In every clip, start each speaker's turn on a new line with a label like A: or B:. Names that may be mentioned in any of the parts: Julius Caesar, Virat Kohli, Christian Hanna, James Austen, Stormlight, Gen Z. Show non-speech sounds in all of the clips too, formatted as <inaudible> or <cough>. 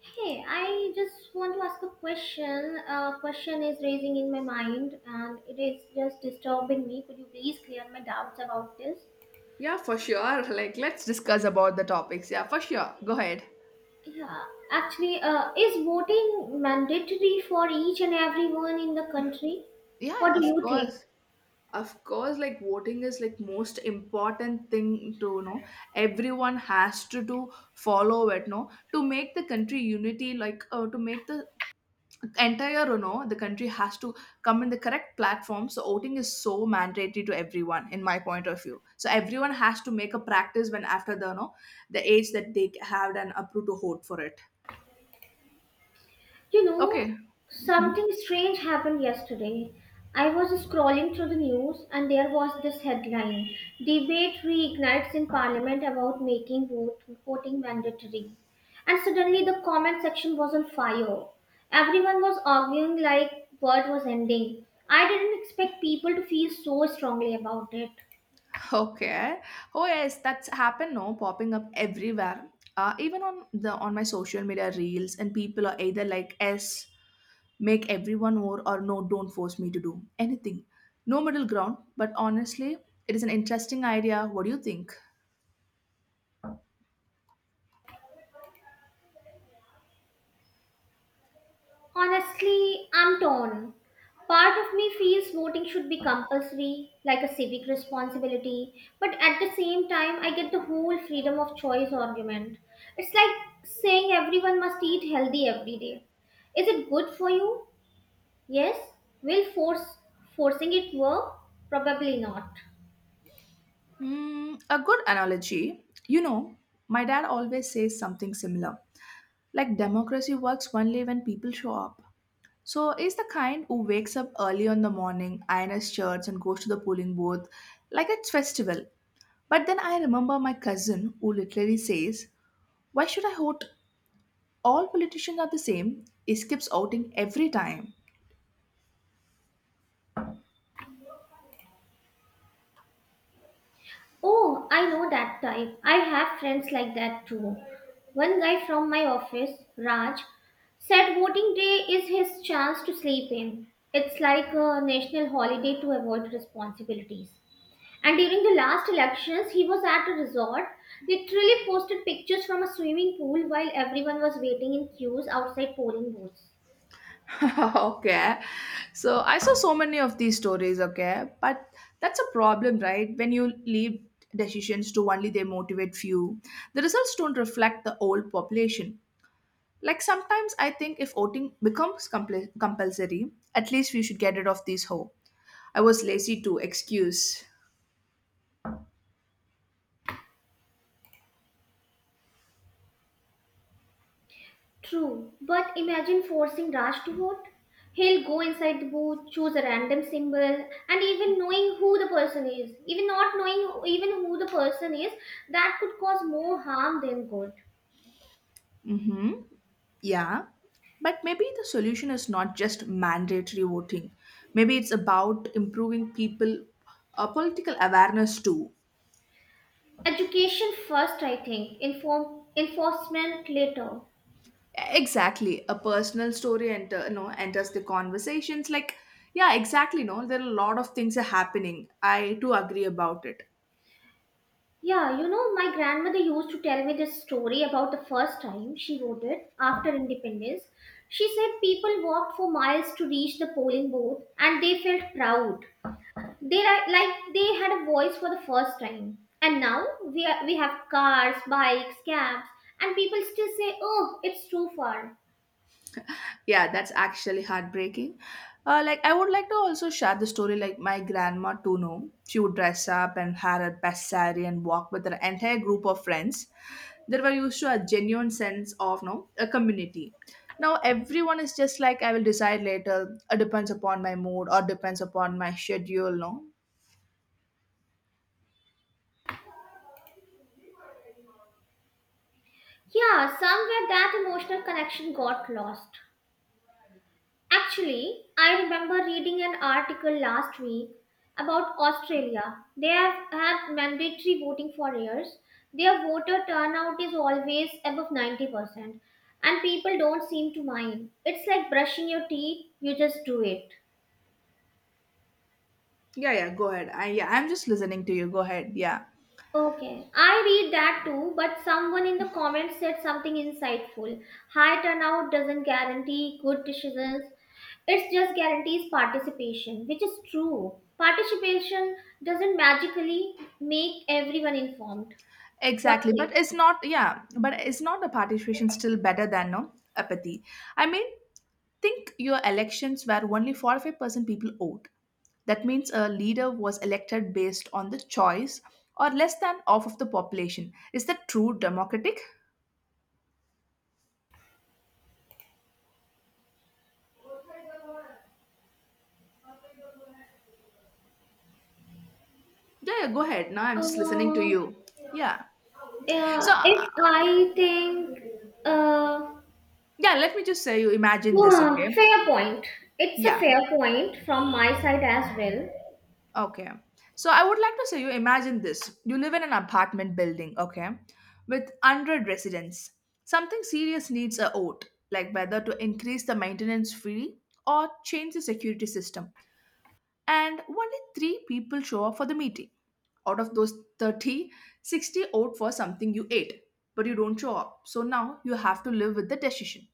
A: Hey, I just want to ask a question. A question is raising in my mind and it is just disturbing me. Could you please clear my doubts about this?
B: Yeah, for sure. Like, let's discuss about the topics. Yeah, for sure. Go ahead.
A: Yeah, actually, is voting mandatory for each and everyone in the country?
B: Yeah,
A: What do
B: of
A: you think?
B: course. Of course, like voting is like most important thing to know. Everyone has to do follow it, no, to make the country unity. Like to make the entire, you know, the country has to come in the correct platform. So voting is so mandatory to everyone, in my point of view. So everyone has to make a practice when after the, no, the age that they have and approve to vote for it.
A: You know,
B: Okay. Mhm.
A: something strange happened yesterday. I was scrolling through the news and there was this headline: Debate reignites in Parliament about making voting mandatory. And suddenly the comment section was on fire. Everyone was arguing like world was ending. I didn't expect people to feel so strongly about it.
B: Okay. Oh yes, that's happened. No, popping up everywhere. Even on the on my social media reels, and people are either like S, make everyone more, or no, don't force me to do anything. No middle ground. But honestly, it is an interesting idea. What do you think?
A: Honestly, I'm torn. Part of me feels voting should be compulsory, like a civic responsibility, but at the same time, I get the whole freedom of choice argument. It's like saying everyone must eat healthy every day. Is it good for you? Yes. Will force forcing it work? Probably not.
B: Hmm, a good analogy. You know, my dad always says something similar. Like democracy works only when people show up. So is the kind who wakes up early on the morning, irons shirts, and goes to the polling booth like it's festival. But then I remember my cousin who literally says, Why should I vote? All politicians are the same. He skips outing every time.
A: Oh, I know that type. I have friends like that too. One guy from my office, Raj, said voting day is his chance to sleep in. It's like a national holiday to avoid responsibilities. And during the last elections, he was at a resort, literally posted pictures from a swimming pool while everyone was waiting in queues outside polling booths.
B: <laughs> Okay. So I saw so many of these stories, okay? But that's a problem, right? When you leave decisions to only they motivate few, the results don't reflect the whole population. Like sometimes I think if voting becomes compulsory, at least we should get rid of these ho. I was lazy too. Excuse.
A: True, but imagine forcing Raj to vote. He'll go inside the booth, choose a random symbol, and even not knowing even who the person is, that could cause more harm than good.
B: Mm-hmm. Yeah. But maybe the solution is not just mandatory voting. Maybe it's about improving people political awareness too.
A: Education first, I think. Inform enforcement later.
B: Exactly. A personal story enter you know enters the conversations like yeah, exactly. No, there are a lot of things are happening. I too agree about it.
A: Yeah, you know, my grandmother used to tell me this story about the first time she voted after independence. She said people walked for miles to reach the polling booth and they felt proud. Like they had a voice for the first time, and now we have cars, bikes, cabs, and people still say, "Oh, it's too far."
B: Yeah, that's actually heartbreaking. Like I would like to also share the story like my grandma Tuno. She would dress up and have a best saree and walk with her entire group of friends. There were used to a genuine sense of no a community. Now everyone is just like I will decide later. It depends upon my mood or depends upon my schedule. No.
A: Yeah, somewhere that emotional connection got lost. Actually, I remember reading an article last week about Australia. They have had mandatory voting for years. Their voter turnout is always above 90%, and people don't seem to mind. It's like brushing your teeth, you just do it.
B: Yeah, yeah. Go ahead. I yeah. I'm just listening to you. Go ahead. Yeah.
A: Okay, I read that too, but someone in the comments said something insightful. High turnout doesn't guarantee good decisions, it just guarantees participation, which is true. Participation doesn't magically make everyone informed. What
B: Exactly, but
A: say?
B: it's not yeah, but it's not a participation still better than no apathy. I mean, think your elections where only 45% people vote. That means a leader was elected based on the choice or less than half of the population. Is that true democratic? Yeah, yeah, go ahead. Now I'm just listening to
A: Uh,
B: you. Yeah. So,
A: yeah, if I think, uh,
B: yeah, let me just say you imagine this, okay?
A: fair point. It's a
B: Yeah.
A: fair point from my side as well.
B: Okay. So I would like to say you imagine this. You live in an apartment building, okay, with 100 residents. Something serious needs a vote, like whether to increase the maintenance fee or change the security system. And only three people show up for the meeting. Out of those 30, 60 vote for something you ate, but you don't show up. So now you have to live with the decision.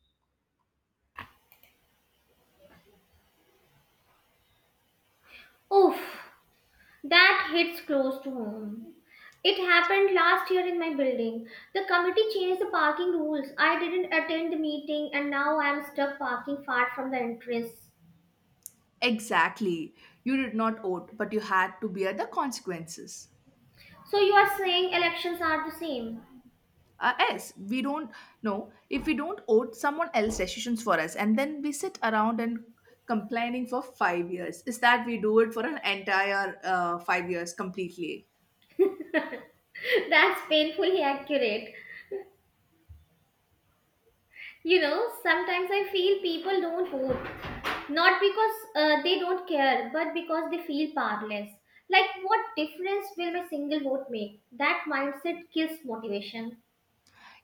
A: Oof. That hits close to home. It happened last year in my building. The committee changed the parking rules. I didn't attend the meeting and now I am stuck parking far from the entrance.
B: Exactly. You did not vote, but you had to bear the consequences.
A: So you are saying elections are the same.
B: Yes, we don't know if we don't owe someone else decisions for us and then we sit around and complaining for 5 years is that we do it for an entire 5 years completely.
A: <laughs> That's painfully accurate. Sometimes I feel people don't vote not because they don't care, but because they feel powerless. Like, what difference will my single vote make? That mindset kills motivation.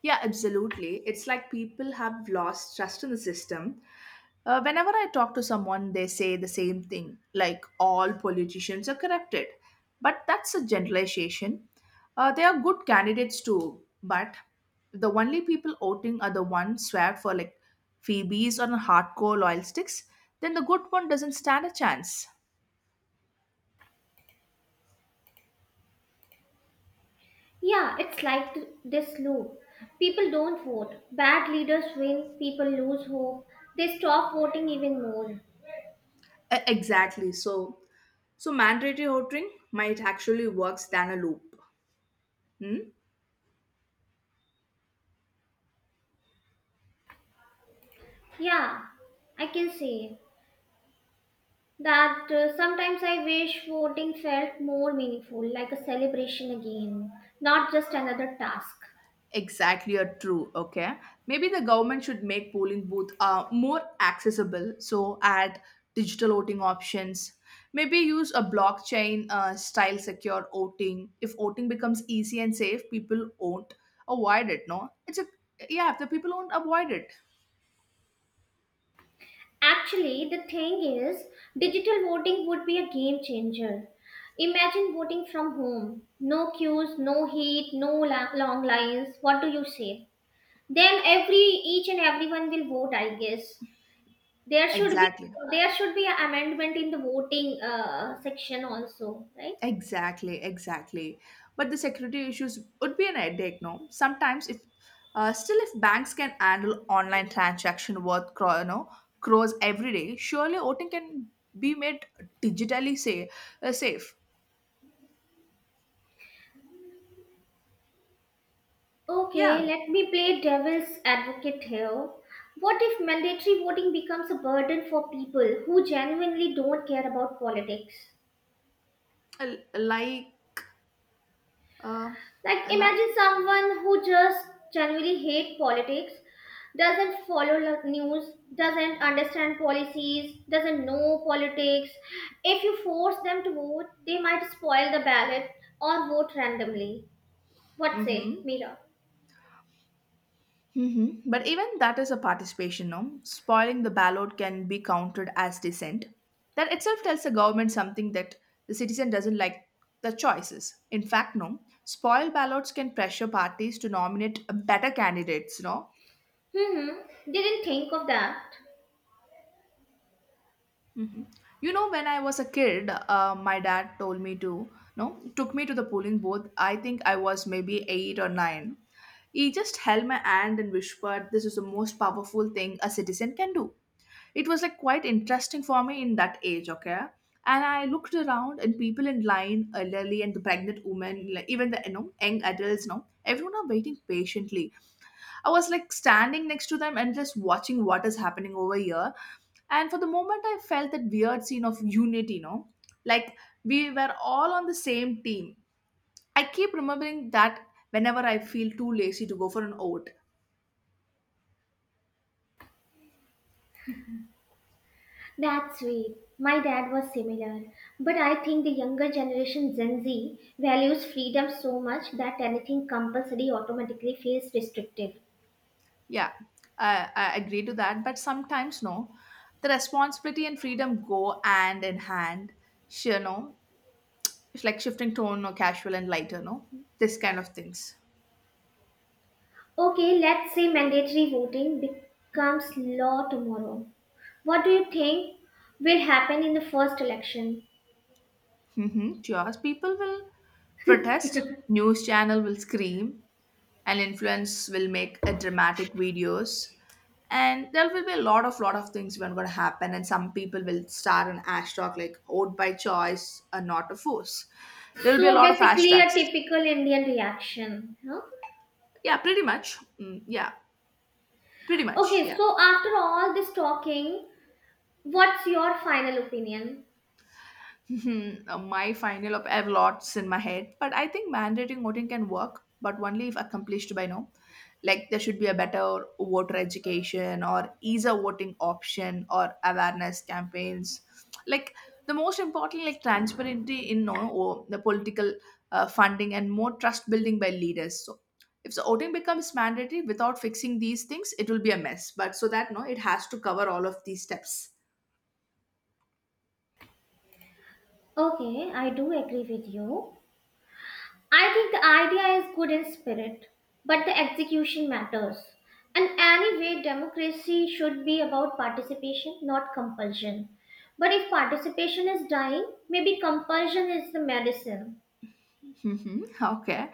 B: Yeah, absolutely. It's like people have lost trust in the system. Whenever I talk to someone, they say the same thing like all politicians are corrupted. But that's a generalization. They are good candidates too, but the only people voting are the ones swag for like Phoebes or hardcore loyal sticks, then the good one doesn't stand a chance.
A: Yeah, it's like this loop. People don't vote. Bad leaders win, people lose hope. They stop voting even more.
B: Exactly. So, so mandatory voting might actually works than a loop. Hmm?
A: Yeah, I can say that sometimes I wish voting felt more meaningful, like a celebration again, not just another task.
B: Exactly, or true. Okay, maybe the government should make polling booth more accessible. So add digital voting options. Maybe use a blockchain style secure voting. If voting becomes easy and safe, people won't avoid it. No, it's a yeah. If the people won't avoid it,
A: Actually, the thing is, digital voting would be a game changer. Imagine voting from home. No queues, no heat, no long lines. What do you say? Then every each and everyone will vote, I guess. There should be
B: exactly.
A: there should be an amendment in the voting section also, right?
B: Exactly, exactly. But the security issues would be an headache, no? Sometimes, if still, if banks can handle online transaction worth you know, crores every day, surely voting can be made digitally say, safe.
A: Okay,
B: Yeah,
A: let me play devil's advocate here. What if mandatory voting becomes a burden for people who genuinely don't care about politics?
B: uh, like, uh,
A: Like,
B: like.
A: imagine someone who just genuinely hate politics, doesn't follow the news, doesn't understand policies, doesn't know politics. If you force them to vote, they might spoil the ballot or vote randomly. What say,
B: Mm-hmm.
A: Mira?
B: Hmm. But even that is a participation, no? Spoiling the ballot can be counted as dissent. That itself tells the government something that the citizen doesn't like the choices. In fact, no, spoiled ballots can pressure parties to nominate better candidates, no?
A: Hmm, didn't think of that.
B: Hmm. You know, when I was a kid, my dad told me to, no, took me to the polling booth. I think I was maybe eight or nine. He just held my hand and whispered, This is the most powerful thing a citizen can do. It was like quite interesting for me in that age. Okay. And I looked around and people in line elderly and the pregnant women like even the you know young adults now everyone are waiting patiently. I was like standing next to them and just watching what is happening over here. And for the moment I felt that weird scene of unity, you know, like we were all on the same team. I keep remembering that whenever I feel too lazy to go for an oat.
A: That's sweet. My dad was similar. But I think the younger generation, Gen Z, values freedom so much that anything compulsory automatically feels restrictive.
B: Yeah, I agree to that, but sometimes no. The responsibility and freedom go hand in hand. Sure, no. It's like shifting tone or casual and lighter, no? This kind of things.
A: Okay, let's say mandatory voting becomes law tomorrow. What do you think will happen in the first election?
B: Mm-hmm. Yours, people will protest, news channel will scream, and influence will make a dramatic videos. And there will be a lot of things when gonna happen, and some people will start an hashtag like vote by choice and not a force. There will be a
A: So
B: lot of
A: basically, a
B: hashtags.
A: typical Indian reaction. Huh?
B: Yeah, pretty much. Mm, yeah, pretty much.
A: Okay,
B: Yeah. <laughs>
A: so after all this talking, what's your final opinion?
B: Mhm. My final up, I have lots in my head, but I think mandating voting can work, but only if accomplished by now. Like there should be a better voter education or ease a voting option or awareness campaigns. Like the most important, like transparency in no, or the political funding and more trust building by leaders. So if the voting becomes mandatory without fixing these things, it will be a mess. But so that no, it has to cover all of these steps.
A: Okay, I do agree with you. I think the idea is good in spirit, but the execution matters. And anyway, democracy should be about participation, not compulsion. But if participation is dying, maybe compulsion is the medicine.
B: Hmm. Okay.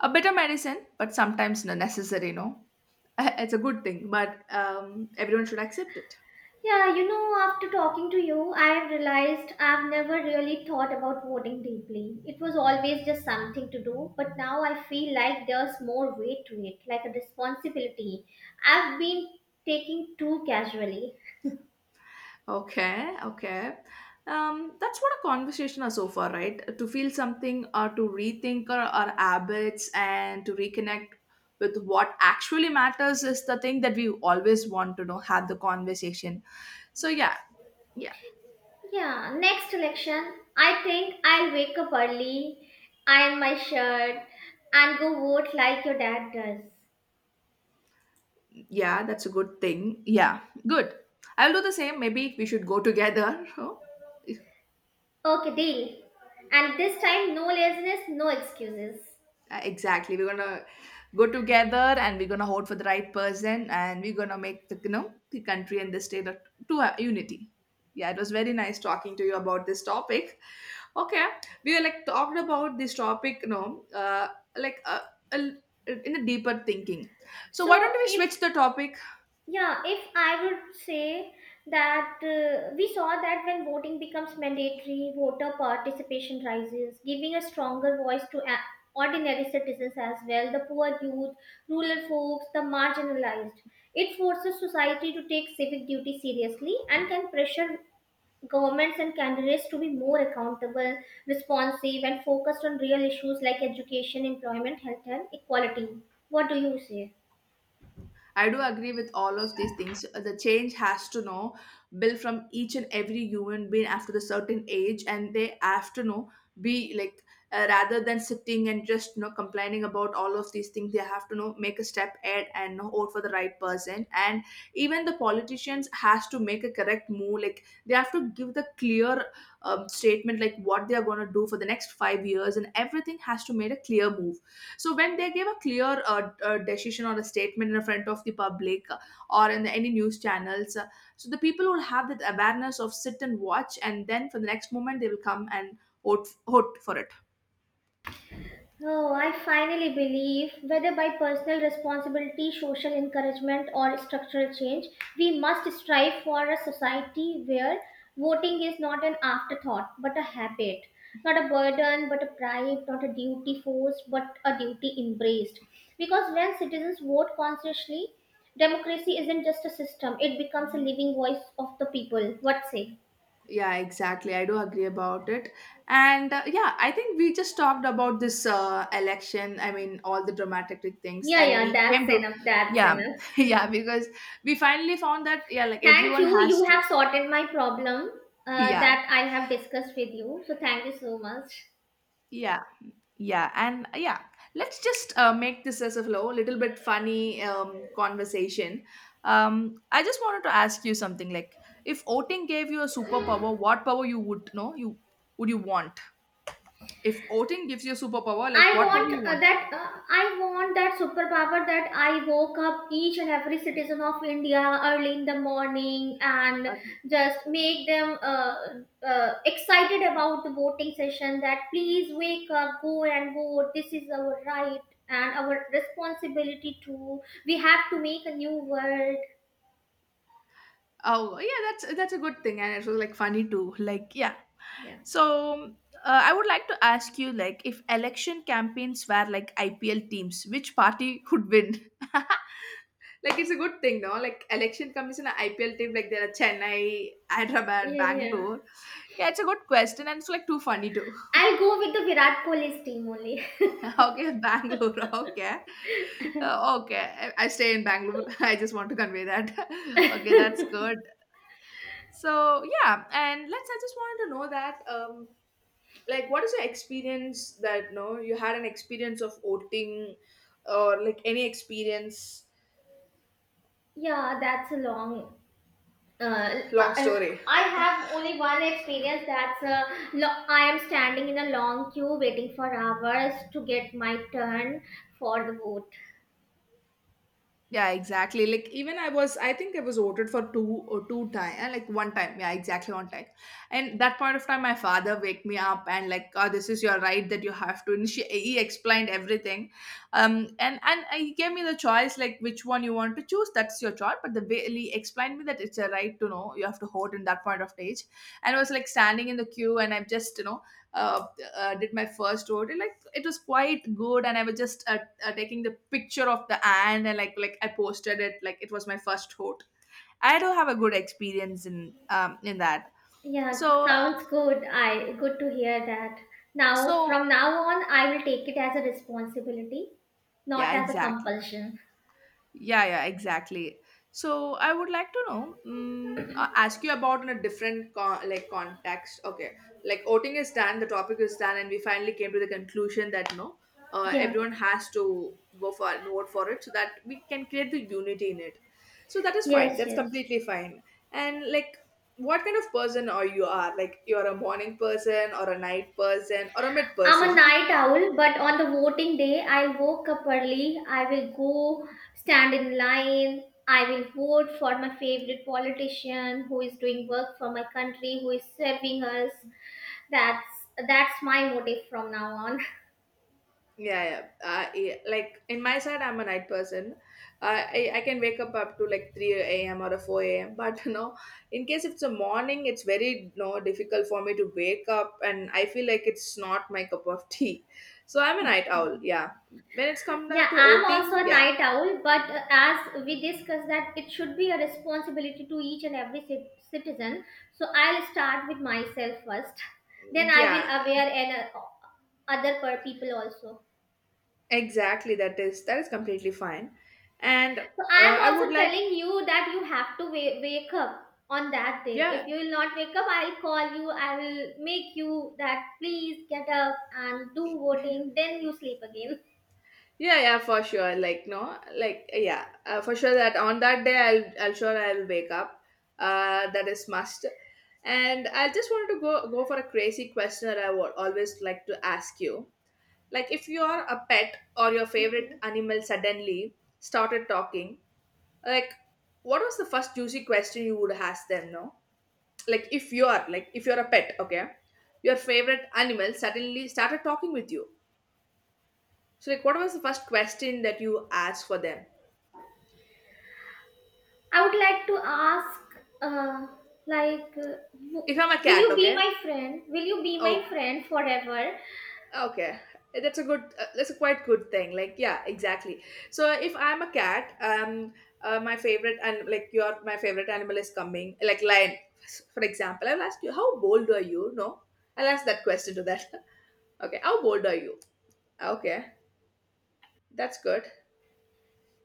B: A better medicine, but sometimes not necessary, no? <laughs> It's a good thing, but everyone should accept it.
A: Yeah, after talking to you, I've realized I've never really thought about voting deeply. It was always just something to do, but now I feel like there's more weight to it, like a responsibility. I've been taking too casually.
B: Okay, okay. That's what a conversation are so far, right? To feel something or to rethink our habits and to reconnect with what actually matters is the thing that we always want to know, have the conversation. So, yeah, yeah,
A: Yeah, next election, I think I'll wake up early, iron my shirt, and go vote like your dad does.
B: yeah, that's a good thing. Yeah, good. I'll do the same. Maybe we should go together. <laughs> Oh,
A: Okay, deal. And this time, no laziness, no excuses.
B: Exactly. We're gonna go together and we're gonna vote for the right person and we're gonna make the you know the country and the state to a unity. Yeah, it was very nice talking to you about this topic. Okay, we were like talked about this topic, you know, like uh, a l- in a deeper thinking. So why don't
A: So,
B: we
A: if
B: switch the topic.
A: Yeah, if I would say that we saw that when voting becomes mandatory, voter participation rises, giving a stronger voice to ordinary citizens as well, the poor youth, rural folks, the marginalized. It forces society to take civic duty seriously and can pressure governments and candidates to be more accountable, responsive, and focused on real issues like education, employment, health, and equality. What do you say?
B: I do agree with all of these things. The change has to know build from each and every human being after the certain age, and they have to know be like rather than sitting and just you know complaining about all of these things. They have to know make a step ahead and know vote for the right person. And even the politicians has to make a correct move. Like they have to give the clear statement like what they are going to do for the next 5 years, and everything has to make a clear move so when they give a clear decision or a statement in front of the public or in the, any news channels, so the people will have that awareness of sit and watch, and then for the next moment they will come and vote for it.
A: Oh, I finally believe whether by personal responsibility, social encouragement, or structural change, we must strive for a society where voting is not an afterthought but a habit, not a burden but a pride, not a duty forced but a duty embraced. Because when citizens vote consciously, democracy isn't just a system, it becomes a
B: Mhm.
A: living voice of the people. What say?
B: Yeah, exactly. I do agree about it. And yeah, I think we just talked about this election. I mean, all the dramatic things,
A: Yeah,
B: and
A: yeah,
B: we came
A: that's
B: to
A: enough, that's
B: yeah,
A: enough.
B: <laughs> yeah, because we finally found that yeah, like
A: Thank
B: everyone
A: you.
B: has
A: You
B: to
A: have sorted my problem
B: <laughs> yeah,
A: that I have discussed with you. So thank you so much.
B: yeah. Yeah, and yeah, let's just make this as a flow, little bit funny conversation. I just wanted to ask you something like, if voting gave you a superpower, what power you would know you would you want? If voting gives you a superpower, like
A: I
B: what power
A: want
B: you
A: uh,
B: want?
A: that uh, I want that superpower that I woke up each and every citizen of India early in the morning and
B: Uh,
A: just make them excited about the voting session. That please wake up, go and vote. This is our right and our responsibility too. We have to make a new world.
B: Oh yeah, that's a good thing, and it was like funny too. Like yeah.
A: Yeah.
B: So I would like to ask you, like, if election campaigns were like IPL teams, which party would win? <laughs> Like, it's a good thing, no? Like, election commission, IPL team, like there are Chennai, Hyderabad,
A: Yeah. Yeah.
B: Bangalore. Yeah, it's a good question, and it's like too funny too.
A: I'll go with the Virat Kohli's team only.
B: <laughs> Okay, Bangalore. <laughs> Okay, okay. I stay in Bangalore. <laughs> I just want to convey that. <laughs> Okay, that's good. So yeah, and let's. I just wanted to know that. Like what is your experience, that no, you had an experience of voting or like any experience
A: <laughs> Yeah, that's a long. Uh,
B: long
A: I
B: story.
A: I have only one experience. I am standing in a long queue waiting for hours to get my turn for the vote.
B: Yeah, exactly. Like even I was, I think I was voted for two or two time, like one time. Yeah, exactly one time. And that point of time, my father wake me up and like, oh, this is your right that you have to. And she, he explained everything, and he gave me the choice like which one you want to choose. That's your choice. But the way he explained me that it's a right to know you have to vote in that point of age, and I was like standing in the queue and I'm just you know. Uh, did my first vote and, like it was quite good and I was just taking the picture of the ant and like I posted it like it was my first hoot. I do have a good experience in that.
A: Yeah,
B: So
A: sounds good. I good to hear that. Now
B: so
A: from now on, I will take it as a responsibility, not
B: yeah,
A: as a
B: exactly.
A: compulsion.
B: Yeah, yeah, exactly. So I would like to know, mm, ask you about in a different con- like context. Okay, like voting is done, the topic is done, and we finally came to the conclusion that no,
A: Yeah.
B: everyone has to go for vote for it so that we can create the unity in it. So that is fine.
A: Yes.
B: That's
A: Yes.
B: completely fine. And like, what kind of person are you are? Like, you're a morning person or a night person or a mid
A: I'm a
B: person.
A: night owl, but on the voting day, I woke up early. I will go stand in line. I will vote for my favorite politician who is doing work for my country, who is serving us. That's that's my motive from now on. <laughs>
B: Yeah, yeah. Yeah, like in my side, I'm a night person. I can wake up up to like three a.m. or a four a.m. <laughs> But you know, in case it's a morning, it's very no difficult for me to wake up, and I feel like it's not my <laughs> cup of tea. So I'm a night owl. Yeah. When it's come
A: Yeah,
B: down to
A: I'm also
B: outing,
A: a
B: yeah,
A: night owl, but as we discussed that it should be a responsibility to each and every citizen. So I'll start with myself first. Then I will
B: yeah,
A: aware and other people also.
B: exactly. That is completely fine, and
A: So I'm
B: I
A: also
B: would like
A: telling you that you have to wake up on that day. If
B: yeah.
A: you will not wake up, I'll call you. I will make you that please get up and do voting. Then you sleep again.
B: Yeah, yeah, for sure. Like no, like yeah, for sure that on that day I'll sure I'll wake up. That is must. And I just wanted to go for a crazy question that I would always like to ask you. Like if your a pet or your favorite
A: Okay.
B: animal suddenly started talking, like what was the first juicy question you would ask them? No, like if you are like if you're a pet, okay, your favorite animal suddenly started talking with you. So like what was the first question that you asked for them?
A: I would like to ask, uh, like,
B: If I'm a
A: will
B: cat,
A: you be
B: okay?
A: my friend? Will you be my
B: Okay.
A: friend forever?
B: Okay. That's a good that's a quite good thing. Like yeah, exactly. So if I'm a cat, my favorite and like your my favorite animal is coming, like lion. For example, I'll ask you, how bold are you? No. I'll ask that question to that. <laughs> Okay, how bold are you? Okay. That's good.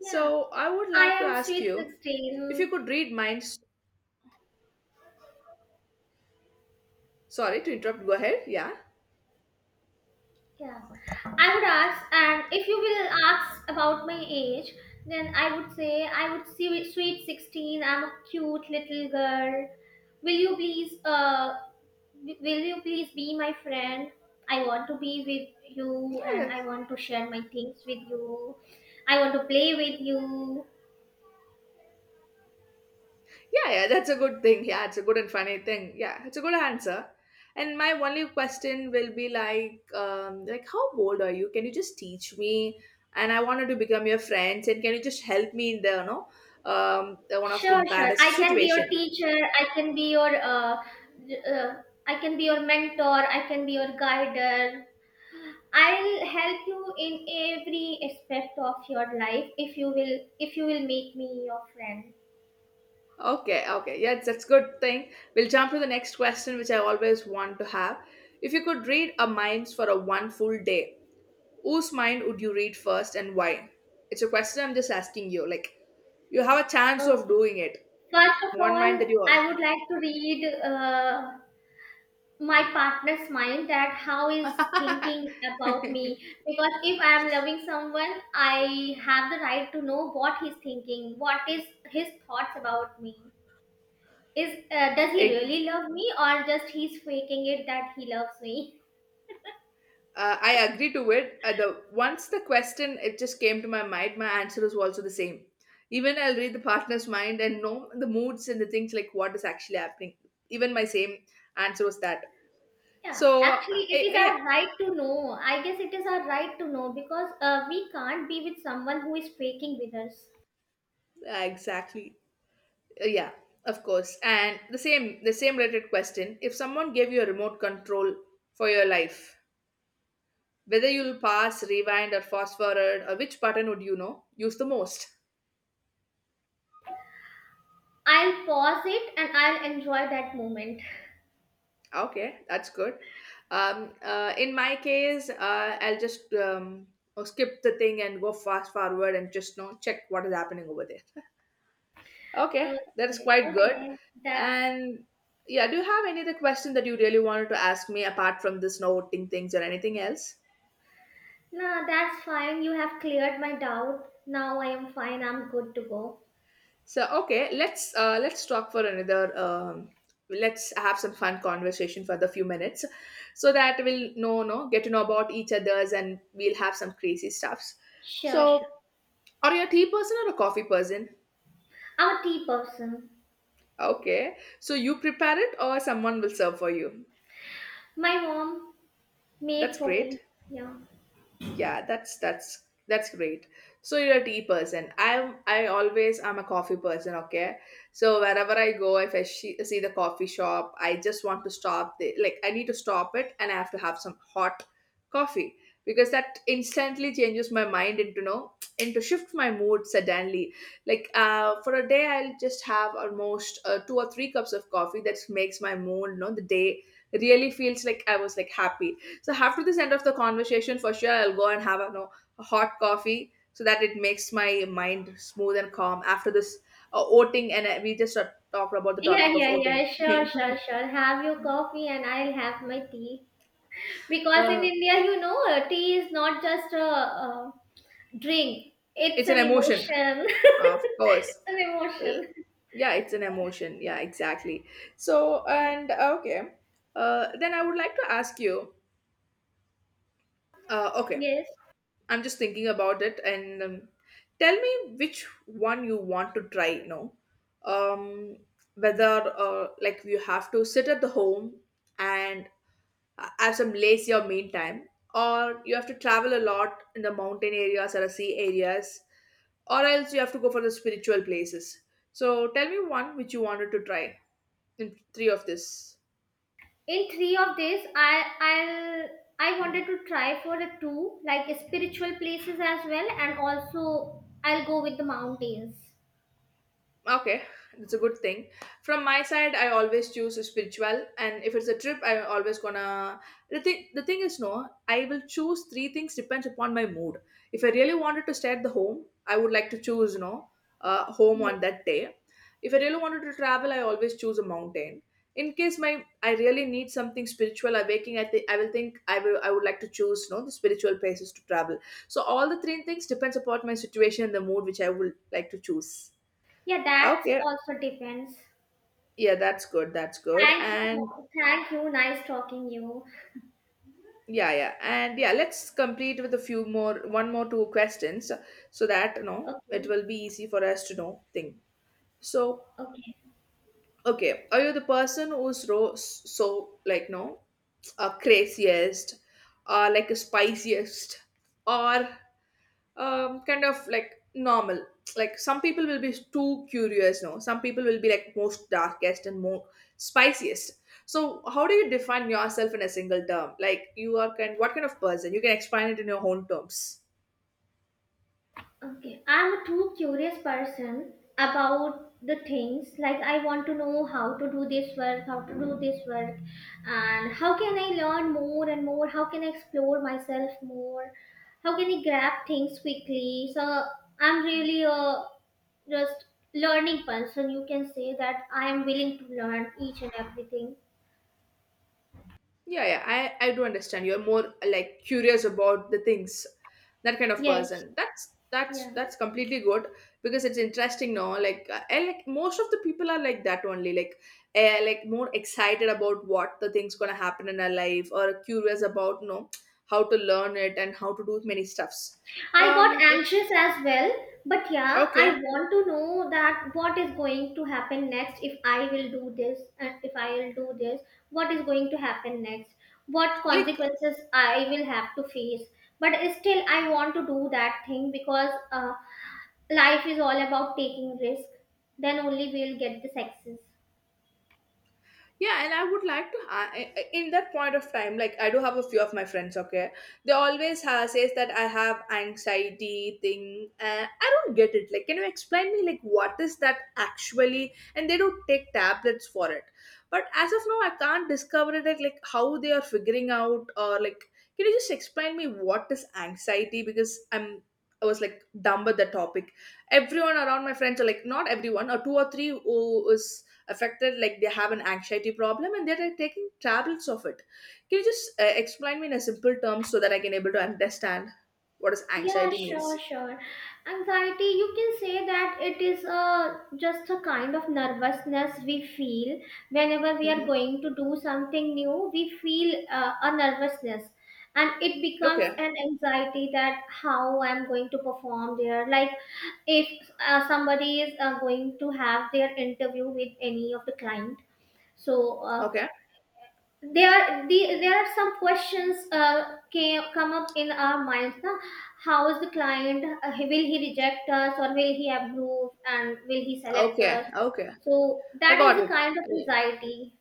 A: Yeah.
B: So I would
A: I
B: like to
A: am
B: ask
A: sweet
B: you if you
A: 16.
B: could read minds. Sorry to interrupt. Go ahead. Yeah.
A: Yeah, I would ask, and if you will ask about my age, then I would say I would see sweet 16. I'm a cute little girl. Will you please, uh, will you please be my friend? I want to be with you, and
B: Yeah.
A: I want to share my things with you. I want to play with you.
B: Yeah, yeah, that's a good thing. Yeah, it's a good and funny thing. Yeah, it's a good answer. And my only question will be like how bold are you? Can you just teach me? And I wanted to become your friends. And can you just help me in the, you know, the one of the
A: Sure, sure. I
B: baddest
A: can be your
B: situation?
A: teacher. I can be your mentor. I can be your guider. I'll help you in every aspect of your life if you will make me your friend.
B: Okay, okay, yeah, that's good thing. We'll jump to the next question, which I always want to have. If you could read a mind for a one full day, whose mind would you read first and why? It's a question I'm just asking you. Like, you have a chance of
A: Okay.
B: doing it.
A: First of
B: One mind
A: all,
B: that you are.
A: I would like to read my partner's mind that how is thinking about me because if I am loving someone, I have the right to know what he's thinking, what is his thoughts about me. Is does he
B: Eg-
A: really love me or just he's faking it that he loves me?
B: I agree to it. The Once the question it just came to my mind, my answer was also the same. Even I'll read the partner's mind and know the moods and the things like what is actually happening. Even my same answer was that.
A: Yeah,
B: So
A: actually, it is
B: yeah,
A: our right to know. I guess it is our right to know because we can't be with someone who is faking with us.
B: yeah, exactly. Yeah, of course. And the same related question: if someone gave you a remote control for your life, whether you'll pass, rewind, or fast forward, or which button would you know use the most?
A: I'll pause it and I'll enjoy that moment.
B: Okay, that's good. In my case, I'll just skip the thing and go fast forward and just you know check what is happening over there. <laughs> Okay, that is
A: Okay,
B: quite good.
A: okay, that's
B: And yeah, do you have any other question that you really wanted to ask me apart from this noting things or anything else?
A: no, that's fine. You have cleared my doubt. Now I am fine. I'm good to go.
B: So okay, let's talk for another. Let's have some fun conversation for the few minutes, so that we'll know no get to know about each other's and we'll have some crazy stuffs.
A: Sure, sure.
B: So, are you a tea person or a coffee person?
A: I'm a tea person.
B: Okay, so you prepare it or someone will serve for you.
A: My mom
B: That's
A: made for
B: great.
A: me. Yeah.
B: Yeah, that's that's great. So you're a tea person. I always I am a coffee person, okay? So wherever I go, if I she, see the coffee shop, I just want to stop the like I need to stop it and I have to have some hot coffee because that instantly changes my mind into no and to shift my mood suddenly. Like for a day I'll just have almost two or three cups of coffee that makes my mood, no, the day really feels like I was like happy so after this end of the conversation, for sure I'll go and have a, you know, a hot coffee so that it makes my mind smooth and calm after this voting. And we just talked about the
A: Yeah,
B: topic of
A: yeah, yeah.
B: voting.
A: Sure,
B: <laughs>
A: sure, sure. Have your coffee and I'll have my tea. Because in
B: uh,
A: India, tea is not just a drink, it's
B: it's an
A: an
B: emotion,
A: emotion.
B: of course.
A: <laughs> It's an
B: Uh,
A: emotion.
B: yeah, it's an emotion. Yeah, exactly. So
A: Yeah.
B: and okay, then I would like to ask you. Okay,
A: Yes.
B: I'm just thinking about it, and tell me which one you want to try now. um, Whether like you have to sit at the home and have some lazy or meantime, or you have to travel a lot in the mountain areas or the sea areas, or else you have to go for the spiritual places. So tell me one which you wanted to try in three of this.
A: In three of this, I'll I wanted to try for a two like spiritual places as well, and also I'll go with the mountains.
B: Okay, that's a good thing. From my side, I always choose spiritual, and if it's a trip, I'm always gonna. The thing is, no, I will choose three things depends upon my mood. If I really wanted to stay at the home, I would like to choose, no, home on
A: Yes.
B: that day. If I really wanted to travel, I always choose a mountain. In case my I really need something spiritual awakening, I think I will I would like to choose, no, the spiritual places to travel. So all the three things depends upon my situation and the mood which I would like to choose.
A: Yeah, that's
B: Okay,
A: also depends.
B: yeah, that's good. That's good.
A: Thank you.
B: And
A: Thank you. Nice talking you.
B: yeah, yeah. And yeah, let's complete with a few more, one more two questions so that, you know, it
A: Okay.
B: will be easy for us to know thing. So,
A: Okay.
B: okay, are you the person who's ro- so like, no, craziest or like a spiciest or kind of like normal. Like some people will be too curious, no. Some people will be like most darkest and more spiciest. So how do you define yourself in a single term? Like you are kind, what kind of person? You can explain it in your own terms.
A: Okay, I'm a too curious person about the things. Like, I want to know how to do this work, how to do this work, and how can I learn more and more? How can I explore myself more? How can I grab things quickly? So, I'm really a just learning person. You can say that I am willing to learn each and everything.
B: Yeah, yeah, I do understand. You're more like curious about the things, that kind of
A: Yes,
B: person. That's
A: yeah.
B: that's completely good because it's interesting. No, like I like most of the people are like that only. Like, like more excited about what the things gonna happen in our life, or curious about you know how to learn it and how to do many stuffs.
A: I got
B: Um, that's-
A: anxious as well, but yeah, I
B: okay.
A: want to know that what is going to happen next if I will do this and if I will do this, what is going to happen next, what
B: Like
A: consequences I will have to face. But still, I want to do that thing because life is all about taking risk. Then only we'll get the success.
B: yeah and I would like to in that point of time like I do have a few of my friends okay. They always says that I have anxiety thing and I don't get it, like can you explain me like what is that actually, and they don't take tablets for it, but as of now I can't discover it like how they are figuring out or like can you just explain me what is anxiety, because I was like dumb at the topic. Everyone around my friends are like not everyone or two or three who is affected like they have an anxiety problem and they're taking tablets of it. Can you just explain me in a simple term so that I can able to understand what does
A: Yeah,
B: anxiety
A: sure,
B: means.
A: sure. Anxiety, you can say that it is just a kind of nervousness we feel whenever we are
B: Mm-hmm.
A: going to do something new. We feel a nervousness and it becomes
B: Okay,
A: an anxiety that how I'm going to perform there. Like if somebody is going to have their interview with any of the client, so
B: okay.
A: there there are some questions come up in our minds, na? How is the client, will he reject us or will he
B: Mhm.
A: approve and will he select us?
B: Okay, okay.
A: So
B: I
A: that
B: got
A: is the kind of
B: it.
A: anxiety.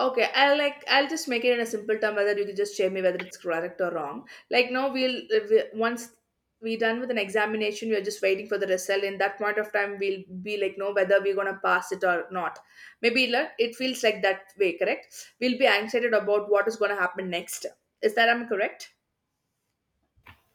B: Okay, I'll like I'll just make it in a simple term whether you can just share me whether it's correct or wrong. Like now we'll once we done with an examination, we're just waiting for the result. In that point of time, we'll be like no whether we're gonna pass it or not. Maybe like, it feels like that way, correct? We'll be anxious about what is gonna happen next. Is that I'm correct?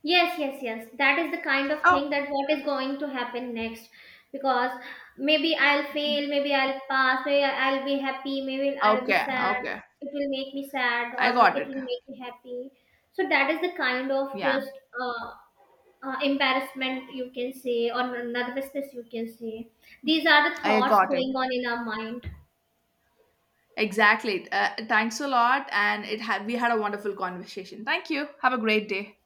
A: Yes, yes, yes. That is the kind of
B: Oh,
A: thing that what is going to happen next. Because maybe I'll fail, maybe I'll pass, maybe I'll be happy, maybe I'll be
B: okay,
A: sad.
B: okay.
A: It will make me sad
B: I
A: or
B: got
A: it
B: it.
A: will make me happy. So that is the kind of
B: Yeah,
A: just embarrassment you can say or nervousness you can say. These are the
B: I
A: thoughts
B: got
A: going
B: it.
A: on in our mind.
B: Exactly. Thanks a lot, and it had we had a wonderful conversation. Thank you. Have a great day.